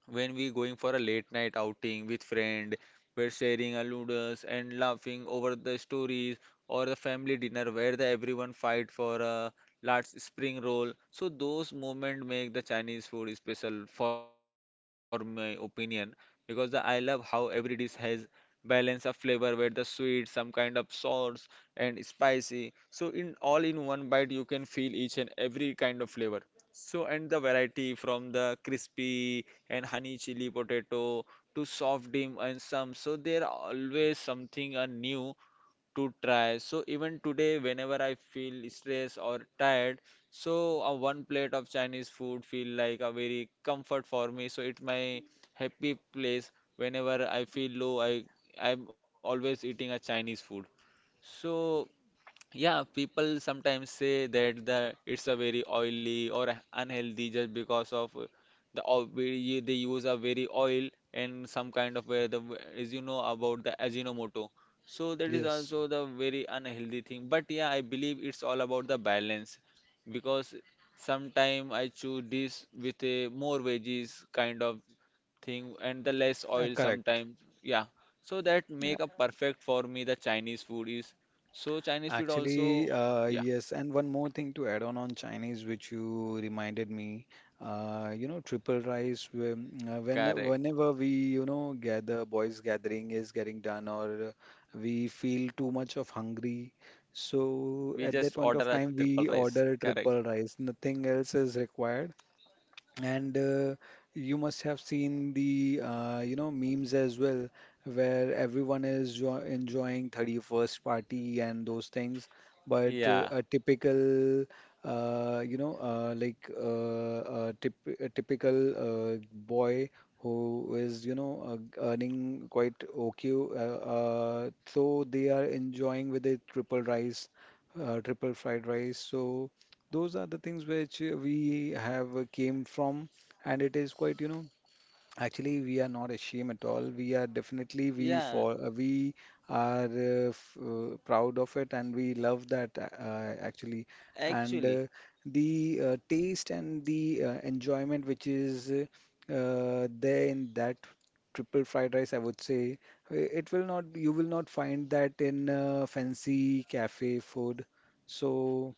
A: when we going for a late night outing with friend, we're sharing our noodles and laughing over the stories, or the family dinner where the everyone fight for a large spring roll. So those moments make the Chinese food special for my opinion, because the I love how every dish has balance of flavor where the sweet, some kind of sauce, and spicy. So in all in one bite you can feel each and every kind of flavor. So and the variety from the crispy and honey chili potato to soft dim and some. So there are always something new to try. So even today, whenever I feel stressed or tired, so one plate of Chinese food feel like a very comfort for me. So it's my happy place. Whenever I feel low, I'm always eating a Chinese food. So yeah, people sometimes say that the it's a very oily or unhealthy just because of the oil they use a very oil and some kind of where the, as you know, about the Ajinomoto. So that is
B: Yes.
A: also the very unhealthy thing. But yeah, I believe it's all about the balance because sometime I choose this with a more veggies kind of thing and the less oil
B: Correct.
A: sometimes. Yeah, so that make a perfect for me. The Chinese food is so Chinese food
B: Actually,
A: also. Yeah,
B: yes, and one more thing to add on Chinese, which you reminded me, you know, triple rice. When
A: correct.
B: whenever we, you know, gather, boys gathering is getting done, or we feel too much of hungry, so
A: We
B: at that
A: just
B: point of
A: order a
B: time we
A: triple rice,
B: order
A: correct.
B: triple rice. Nothing else is required. And you must have seen the you know memes as well, where everyone is jo enjoying 31st party and those things. But
A: Yeah,
B: a typical you know a typical uh, boy who is you know earning quite okay, so they are enjoying with a triple rice, triple fried rice. So those are the things which we have came from, and it is quite you know actually we are not ashamed at all. We are definitely
A: yeah,
B: we are f proud of it, and we love that actually. And
A: actually.
B: the taste and the enjoyment which is there in that triple fried rice, I would say it will not you will not find that in fancy cafe food, so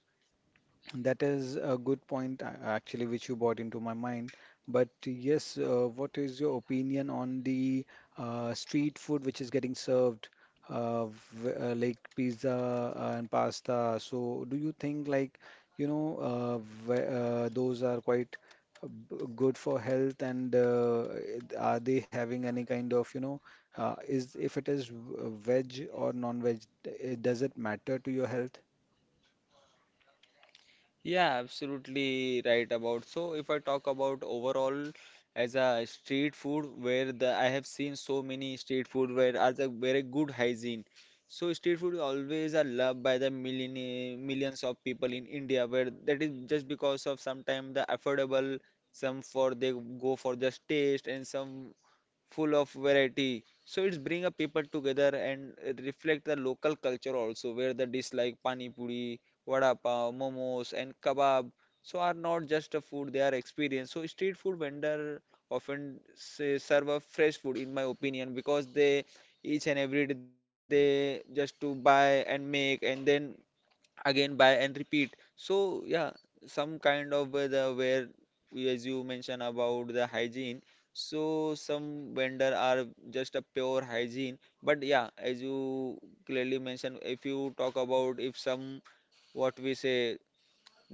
B: that is a good point, actually, which you brought into my mind. But yes, what is your opinion on the street food which is getting served, like pizza and pasta? So, do you think like you know those are quite good for health, and are they having any kind of you know is if it is veg or non-veg, does it matter to your health?
A: Yeah, absolutely right about. So if I talk about overall as a street food, where the I have seen so many street food where are the very good hygiene. So street food is always are loved by the millions of people in India, where that is just because of sometimes the affordable, some for they go for just taste, and some full of variety. So it's bring a people together and it reflect the local culture also, where the dish like pani puri, vada pav, momos, and kebab. So are not just a food; they are experience. So street food vendor often say, serve a fresh food, in my opinion, because they each and every day they just to buy and make and then again buy and repeat, so yeah. Some kind of weather where as you mentioned about the hygiene, so some vendor are just a pure hygiene. But yeah, as you clearly mentioned, if you talk about, if some, what we say,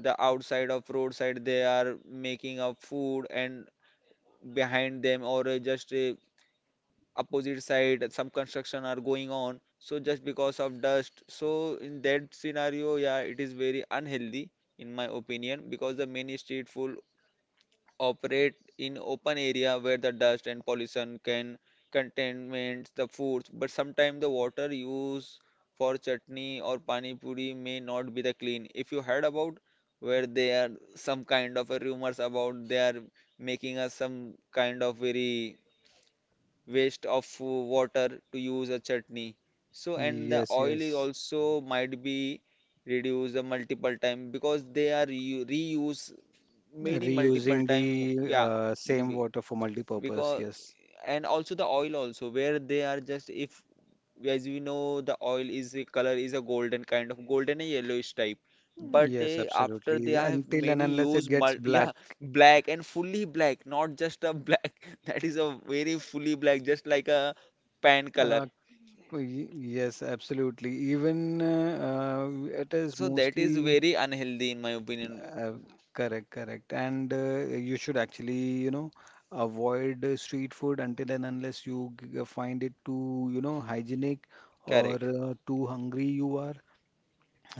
A: the outside of roadside they are making a food, and behind them or just opposite side, some construction are going on. So just because of dust, so in that scenario, yeah, it is very unhealthy in my opinion, because the many street food operate in open area where the dust and pollution can contaminate the foods. But sometimes the water used for chutney or pani puri may not be the clean, if you heard about, where they are some kind of a rumors about they are making us some kind of very waste of water to use a chutney. So and the
B: Yes,
A: oil is
B: yes.
A: also might be reduced a multiple time because they are reuse many multiple
B: Reusing
A: time,
B: the
A: yeah.
B: same
A: be-
B: water for multi-purpose,
A: because
B: yes.
A: and also the oil also where they are just, if as we know the oil is a color is a golden kind of golden and yellowish type, but
B: Yes,
A: after they
B: absolutely.
A: have
B: Until and
A: many
B: unless it
A: use
B: gets
A: mul <laughs>
B: black.
A: yeah, black and fully black, not just a black <laughs> that is a very fully black, just like a pan color.
B: Uh, yes, absolutely. Even it is
A: So that is
B: mostly
A: very unhealthy in my opinion.
B: uh, correct, correct. And you should actually, you know, avoid street food until and unless you find it too, you know, hygienic or
A: Correct.
B: too hungry you are.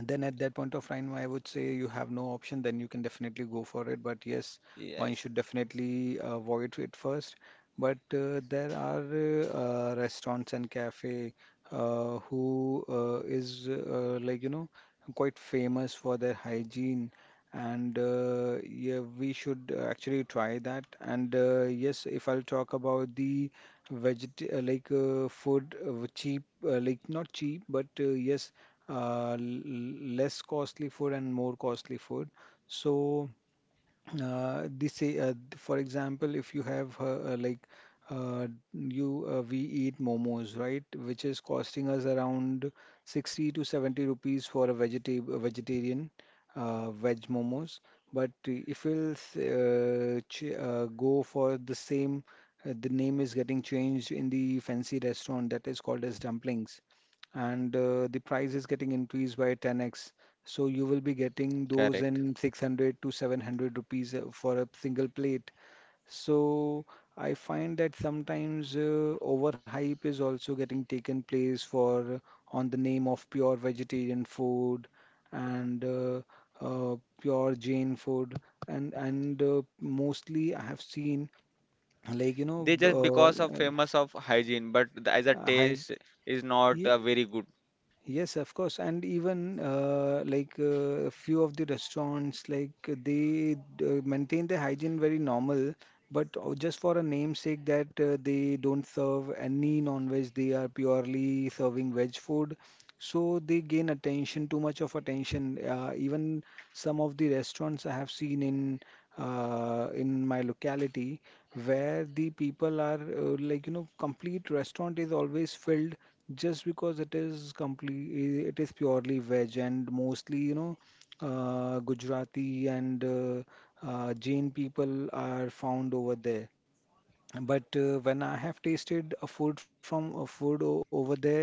B: Then at that point of time, I would say you have no option, then you can definitely go for it. But yes, one
A: Yes,
B: should definitely avoid it first. But there are restaurants and cafe who is like you know quite famous for their hygiene. And yeah, we should actually try that. And yes, if I'll talk about the veget like food, cheap like not cheap but yes, l less costly food and more costly food. So this, for example, if you have like uh, you we eat momos, right, which is costing us around 60 to 70 rupees for a vegetarian, veg momos. But if we'll s- ch go for the same, the name is getting changed in the fancy restaurant, that is called as dumplings. And the price is getting increased by 10x, so you will be getting those
A: correct.
B: in 600 to 700 rupees for a single plate. So I find that sometimes overhype is also getting taken place for on the name of pure vegetarian food and pure Jain food. And mostly I have seen like you know
A: They
B: b-
A: just because of famous of hygiene, but the, as a
B: hy
A: taste is not very good.
B: yes, of course. And even a few of the restaurants, they maintain the hygiene very normal, but just for a namesake that they don't serve any non-veg, they are purely serving veg food, so they gain attention, too much of attention. Even some of the restaurants I have seen in my locality, where the people are complete restaurant is always filled just because it is complete, it is purely veg. And mostly, you know, Gujarati and Jain people are found over there. But when I have tasted a food from a over there,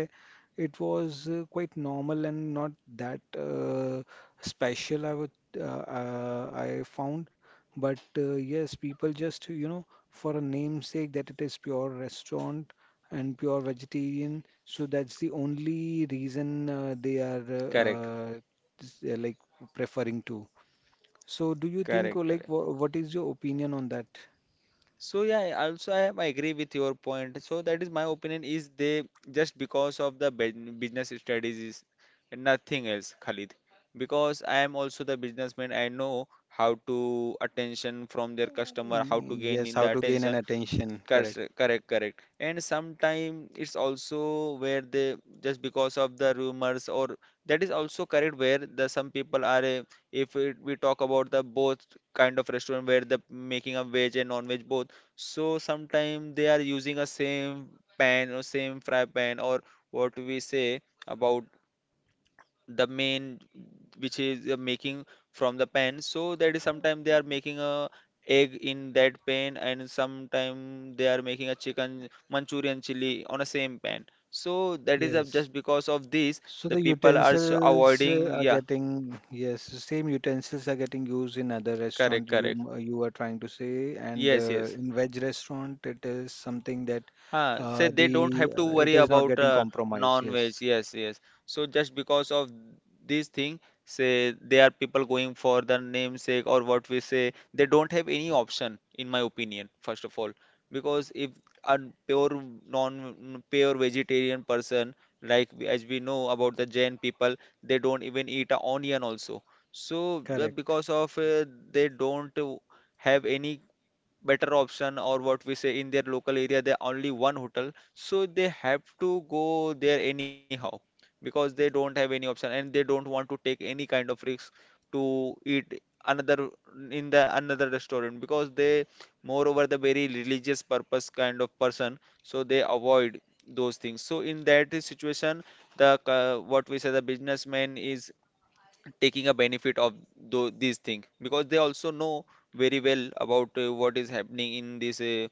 B: it was quite normal and not that special, I would uh, I found. But yes, people just, you know, for a namesake that it is pure restaurant and pure vegetarian, so that's the only reason they are
A: Correct,
B: s- like preferring to. So do you think,
A: correct, correct.
B: what is your opinion on that?
A: So yeah, I also I, I agree with your point. So that is my opinion is they just because of the business strategies and nothing else, Khalid. Because I am also the businessman, I know how to attention from their customer, how
B: Mm,
A: to gain
B: yes,
A: in
B: how
A: the
B: to gain an
A: attention.
B: attention,
A: Correct,
B: correct.
A: correct, correct. And sometime it's also where they just because of the rumors or that is also correct, where the some people are if it, we talk about the both kind of restaurant where the making of veg and non-veg both. So sometime they are using a same pan or same fry pan, or what we say about the main, which is making from the pen. So that is sometime they are making a egg in that pan, and sometime they are making a chicken manchurian chili on a same pan. So that is
B: Yes.
A: just because of this,
B: So
A: the
B: the
A: people are
B: utensils
A: avoiding,
B: are
A: yeah.
B: getting, yes, the same utensils are getting used in other
A: Correct,
B: restaurant, you
A: correct.
B: you are trying to say, and
A: Yes, yes.
B: in veg restaurant it is something that
A: Huh, so they don't
B: the
A: have to
B: it
A: worry
B: is not
A: about
B: getting compromised.
A: non-veg.
B: Yes,
A: Yes, yes. So just because of this thing, say they are people going for the namesake, or what we say, they don't have any option, in my opinion, first of all. Because if a pure non pure vegetarian person, like as we know about the Jain people, they don't even eat a onion also. So
B: correct.
A: because of they don't have any better option, or what we say, in their local area there only one hotel, so they have to go there anyhow, because they don't have any option and they don't want to take any kind of risk to eat another, in the another restaurant, because they moreover the very religious purpose kind of person, so they avoid those things. So in that situation, the what we say, the businessman is taking a benefit of these things, because they also know very well about what is happening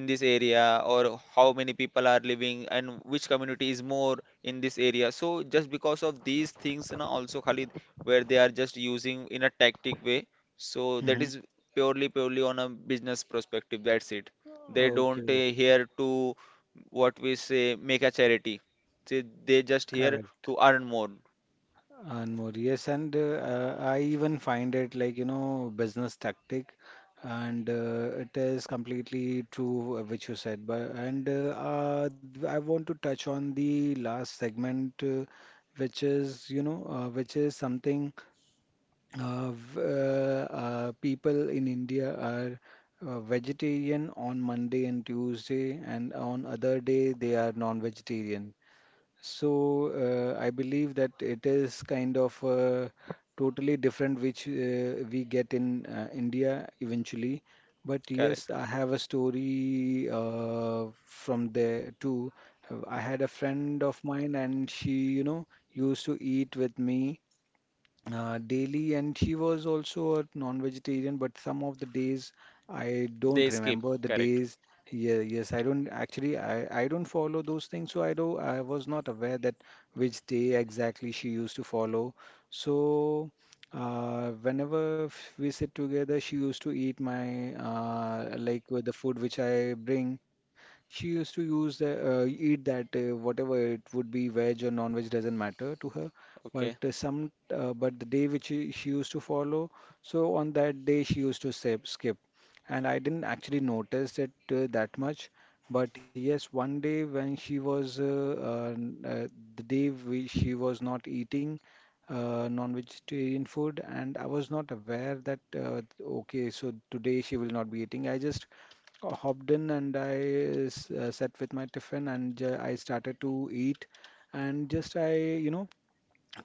A: in this area, or how many people are living and which community is more in this area. So just because of these things, you know, also Khalid, where they are just using in a tactic way. So that
B: Hmm.
A: is purely purely on a business perspective, that's it. They don't
B: Okay,
A: here to, what we say, make a charity. They just here
B: correct.
A: to earn more.
B: And more, yes. And I even find it like, you know, business tactic, and it is completely true which you said. But and I want to touch on the last segment, which is, you know, which is something people in India are vegetarian on Monday and Tuesday, and on other day they are non-vegetarian. So I believe that it is kind of totally different which we get in India eventually. But yes,
A: Correct.
B: I have a story from there too. I had a friend of mine, and she, you know, used to eat with me daily, and she was also a non-vegetarian. But some of the days I don't
A: They skip,
B: remember the
A: correct.
B: days. Yeah, yes, I don't actually. I don't follow those things, so I don't. I was not aware that which day exactly she used to follow. So. Whenever we sit together, she used to eat my with the food which I bring. She used to use the eat that, whatever it would be, veg or non-veg doesn't matter to her. But
A: Okay.
B: some but the day which she used to follow, so on that day she used to skip, and I didn't actually notice it that much. But yes, one day when she was the day she was not eating non-vegetarian food, and I was not aware that, okay, so today she will not be eating. I just hopped in and I sat with my tiffin and I started to eat. And just I, you know,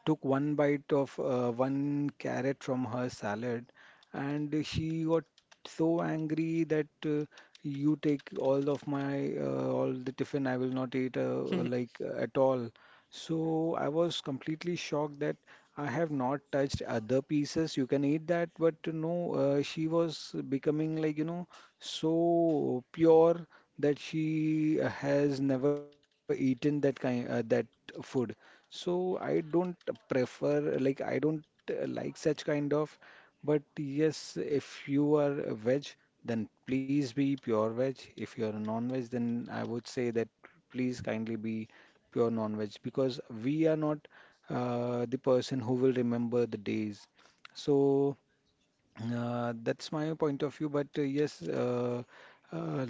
B: took one bite of one carrot from her salad, and she got so angry that, you take all of my, all the tiffin, I will not eat,
A: <laughs>
B: at all. So I was completely shocked that I have not touched other pieces. You can eat that, but no, she was becoming like, you know, so pure that she has never eaten that kind that food. So I don't prefer, like, I don't like such kind of. But yes, if you are a veg, then please be pure veg. If you are a non-veg, then I would say that please kindly be pure non-veg, because we are not the person who will remember the days. So that's my point of view. But uh,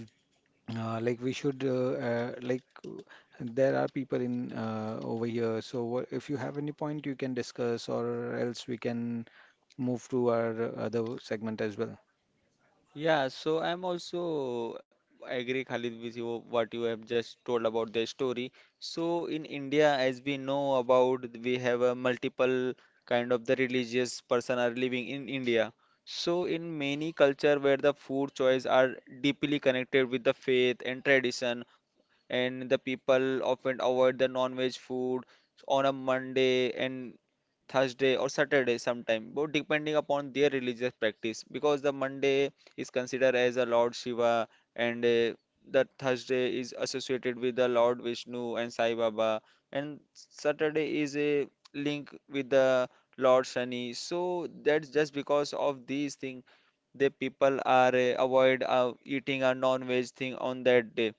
B: we should there are people in over here, so what, if you have any point you can discuss, or else we can move to our other segment as well.
A: Yeah, so I'm also agree, Khalid, with you what you have just told about the story. So in India, as we know about, we have a multiple kind of the religious person are living in India. So in many culture where the food choice are deeply connected with the faith and tradition, and the people often avoid the non-veg food on a Monday and Thursday or Saturday sometime, but depending upon their religious practice, because the Monday is considered as a Lord Shiva, and the Thursday is associated with the Lord Vishnu and Sai Baba, and Saturday is a link with the Lord Shani. So that's just because of these things, the people are avoid eating a non-veg thing on that day.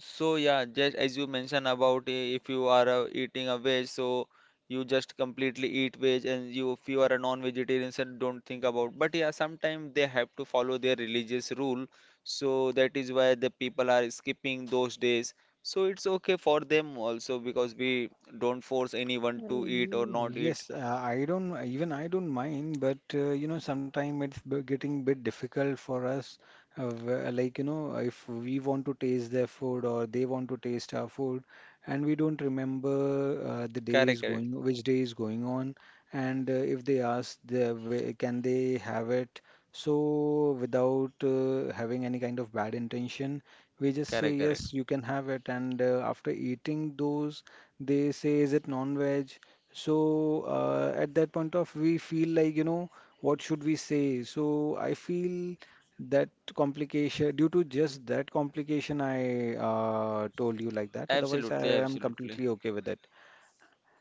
A: So yeah, just as you mentioned about if you are eating a veg, so you just completely eat veg, and you if you are a non-vegetarian, so don't think about. But yeah, sometimes they have to follow their religious rule, so that is why the people are skipping those days. So it's okay for them also, because we don't force anyone to eat or
B: Mm,
A: not eat.
B: yes, I don't even, I don't mind, but you know, sometimes it's getting bit difficult for us. Like you know, if we want to taste their food or they want to taste our food, and we don't remember the
A: Correct,
B: days
A: correct,
B: going, which day is going on, and if they ask, can they have it? So without having any kind of bad intention, we just say
A: correct,
B: yes, you
A: correct.
B: can have it, and after eating those. They say, is it non-veg? So at that point of, we feel like, you know, what should we say? So I feel that complication, due to just that complication, I told you like that. Otherwise, I am
A: Absolutely,
B: completely okay
A: absolutely.
B: with it.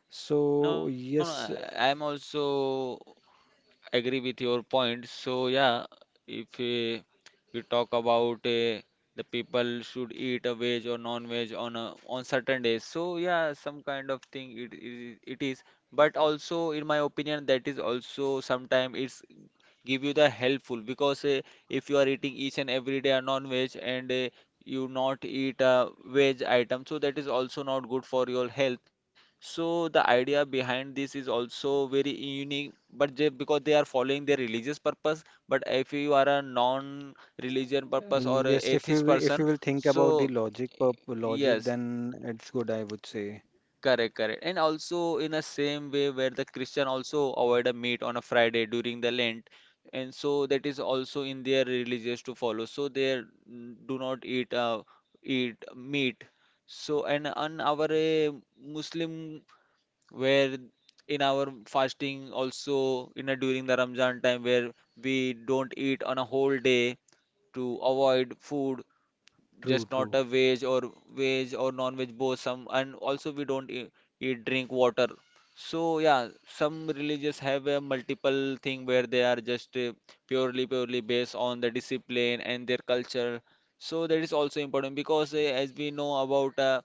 B: So
A: No, no,
B: yes,
A: I am also agree with your point. So yeah, if we talk about the people should eat a veg or non-veg on a, on certain days. So yeah, some kind of thing it, it is. But also, in my opinion, that is also sometimes it's give you the helpful, because if you are eating each and every day a non-veg and you not eat a veg item, so that is also not good for your health. So the idea behind this is also very unique, but they, because they are following their religious purpose, but if you are a non-religion purpose or a
B: yes, if you
A: atheist
B: will, if you
A: person.
B: will think about the
A: So
B: logic, purp logic,
A: yes.
B: then it's good, I would say.
A: Correct, correct. And also in the same way where the Christian also avoid a meat on a Friday during the Lent, and so that is also in their religious to follow. So they do not eat eat meat. So and on our Muslim, where in our fasting also in a, during the Ramzan time, where we don't eat on a whole day, to avoid food, just
B: True,
A: not
B: true.
A: a veg or veg or non-veg both, some and also we don't eat drink water. So yeah, some religious have a multiple thing where they are just purely purely based on the discipline and their culture. So that is also important, because as we know about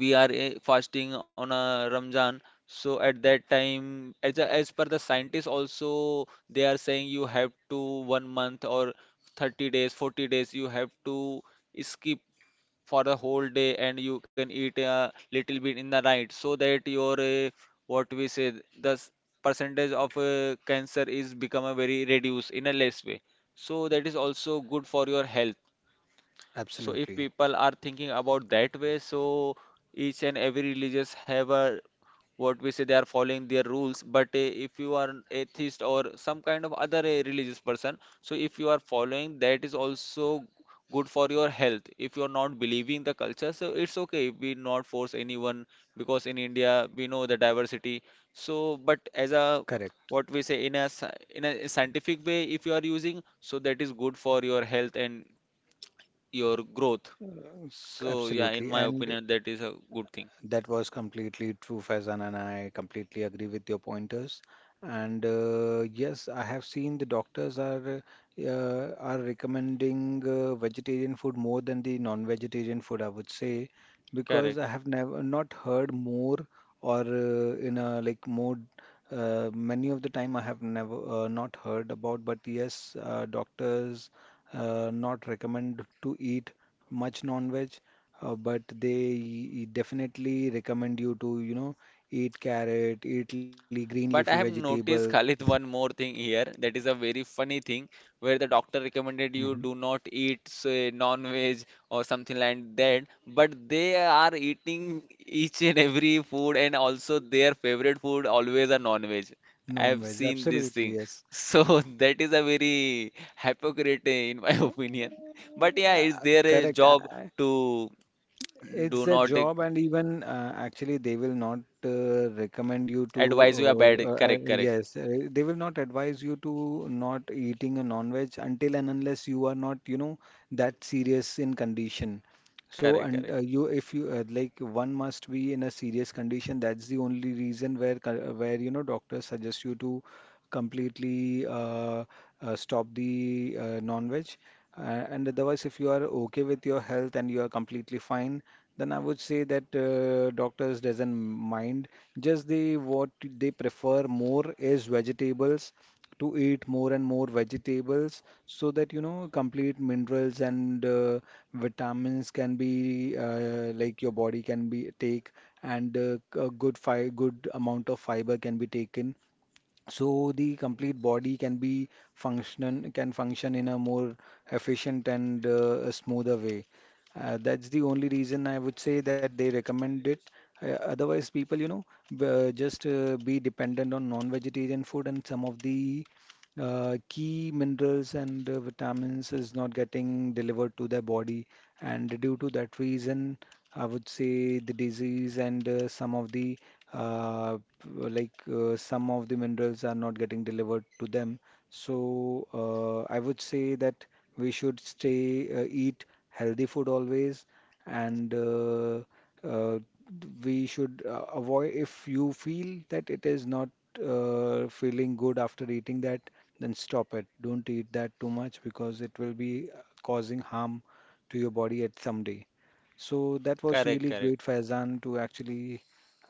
A: we are fasting on a Ramzan, so at that time as a, as per the scientists also they are saying you have to one month or 30 days 40 days you have to skip for the whole day, and you can eat a little bit in the night, so that your what we say, the percentage of cancer is become a very reduced in a less way. So that is also good for your health. So if
B: Absolutely.
A: people are thinking about that way, so each and every religious have a, what we say, they are following their rules. But if you are an atheist or some kind of other religious person, so if you are following, that is also good for your health. If you are not believing the culture, so it's okay. We not force anyone, because in India we know the diversity. So, but as a,
B: Correct.
A: what we say, in a in a scientific way, if you are using, so that is good for your health and your growth.
B: Uh,
A: So yeah, in
B: Absolutely.
A: my
B: And
A: opinion, that is a good thing.
B: that was completely true, Faizan, and I completely agree with your pointers. And yes, I have seen the doctors uh, are recommending vegetarian food more than the non-vegetarian food, I would say, because I
A: Correct.
B: have never not heard more or in a like more many of the time I have never not heard about. But yes, doctors not recommend to eat much non-veg, but they definitely recommend you to, you know, eat carrot, eat le green leafy
A: But I have
B: vegetables.
A: noticed, <laughs> Khalid, one more thing here. That is a very funny thing where the doctor
B: Hmm.
A: recommended you do not eat, say, non-veg or something like that. But they are eating each and every food, and also their favorite food always a non-veg. I have
B: Non-veg.
A: seen this thing.
B: Absolutely, yes.
A: So <laughs> that is a very hypocrite, eh,
B: Eh,
A: in my <laughs> opinion. But yeah, it's their
B: correct.
A: eh, job
B: I,
A: to
B: it's
A: do
B: a
A: not
B: job. And even actually, they will not recommend you
A: advise you a bad,
B: to.
A: correct, correct,
B: Yes, they will not advise you to not eating a non-veg until and unless you are not, you know, that serious in condition. So,
A: correct,
B: and
A: correct,
B: if you one must be in a serious condition. That's the only reason where, where, you know, doctors suggest you to completely stop the non-veg. Uh, and otherwise, if you are okay with your health and you are completely fine, then I would say that doctors doesn't mind. Just they what they prefer more is vegetables, to eat more and more vegetables, so that you know complete minerals and vitamins can be, like, your body can be take, and a good amount of fiber can be taken, so the complete body can be function, can function in a more efficient and a smoother way. That's the only reason I would say that they recommend it. Otherwise, people, you know, b- just be dependent on non-vegetarian food, and some of the key minerals and vitamins is not getting delivered to their body. And due to that reason, I would say the disease and some of the some of the minerals are not getting delivered to them. So I would say that we should stay, eat healthy food always, and uh, we should avoid, if you feel that it is not feeling good after eating that, then stop it. Don't eat that too much because it will be causing harm to your body at some day. So that was
A: correct,
B: really great,
A: correct.
B: Faizan, to actually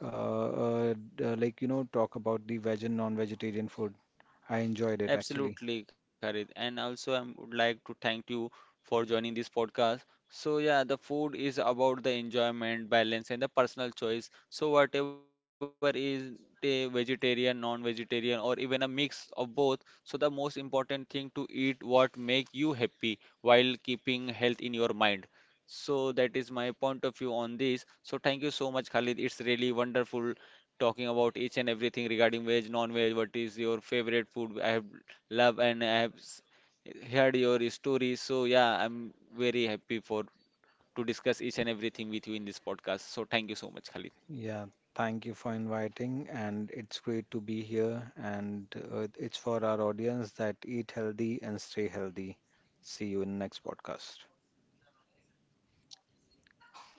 B: uh, you know, talk about the veg and non-vegetarian food. I enjoyed it actually.
A: Absolutely correct. And also I would like to thank you for joining this podcast. So yeah, the food is about the enjoyment, balance and the personal choice. So whatever is a vegetarian, non-vegetarian or even a mix of both, so the most important thing to eat what make you happy while keeping health in your mind. So that is my point of view on this. So thank you so much, Khalid. It's really wonderful talking about each and everything regarding veg, non-veg, what is your favorite food. I have love and I have heard your story. So yeah, I'm very happy for to discuss each and everything with you in this podcast. So thank you so much, Khalid.
B: Yeah, thank you for inviting, and it's great to be here. And it's for our audience that eat healthy and stay healthy. See you in next podcast.
A: Correct.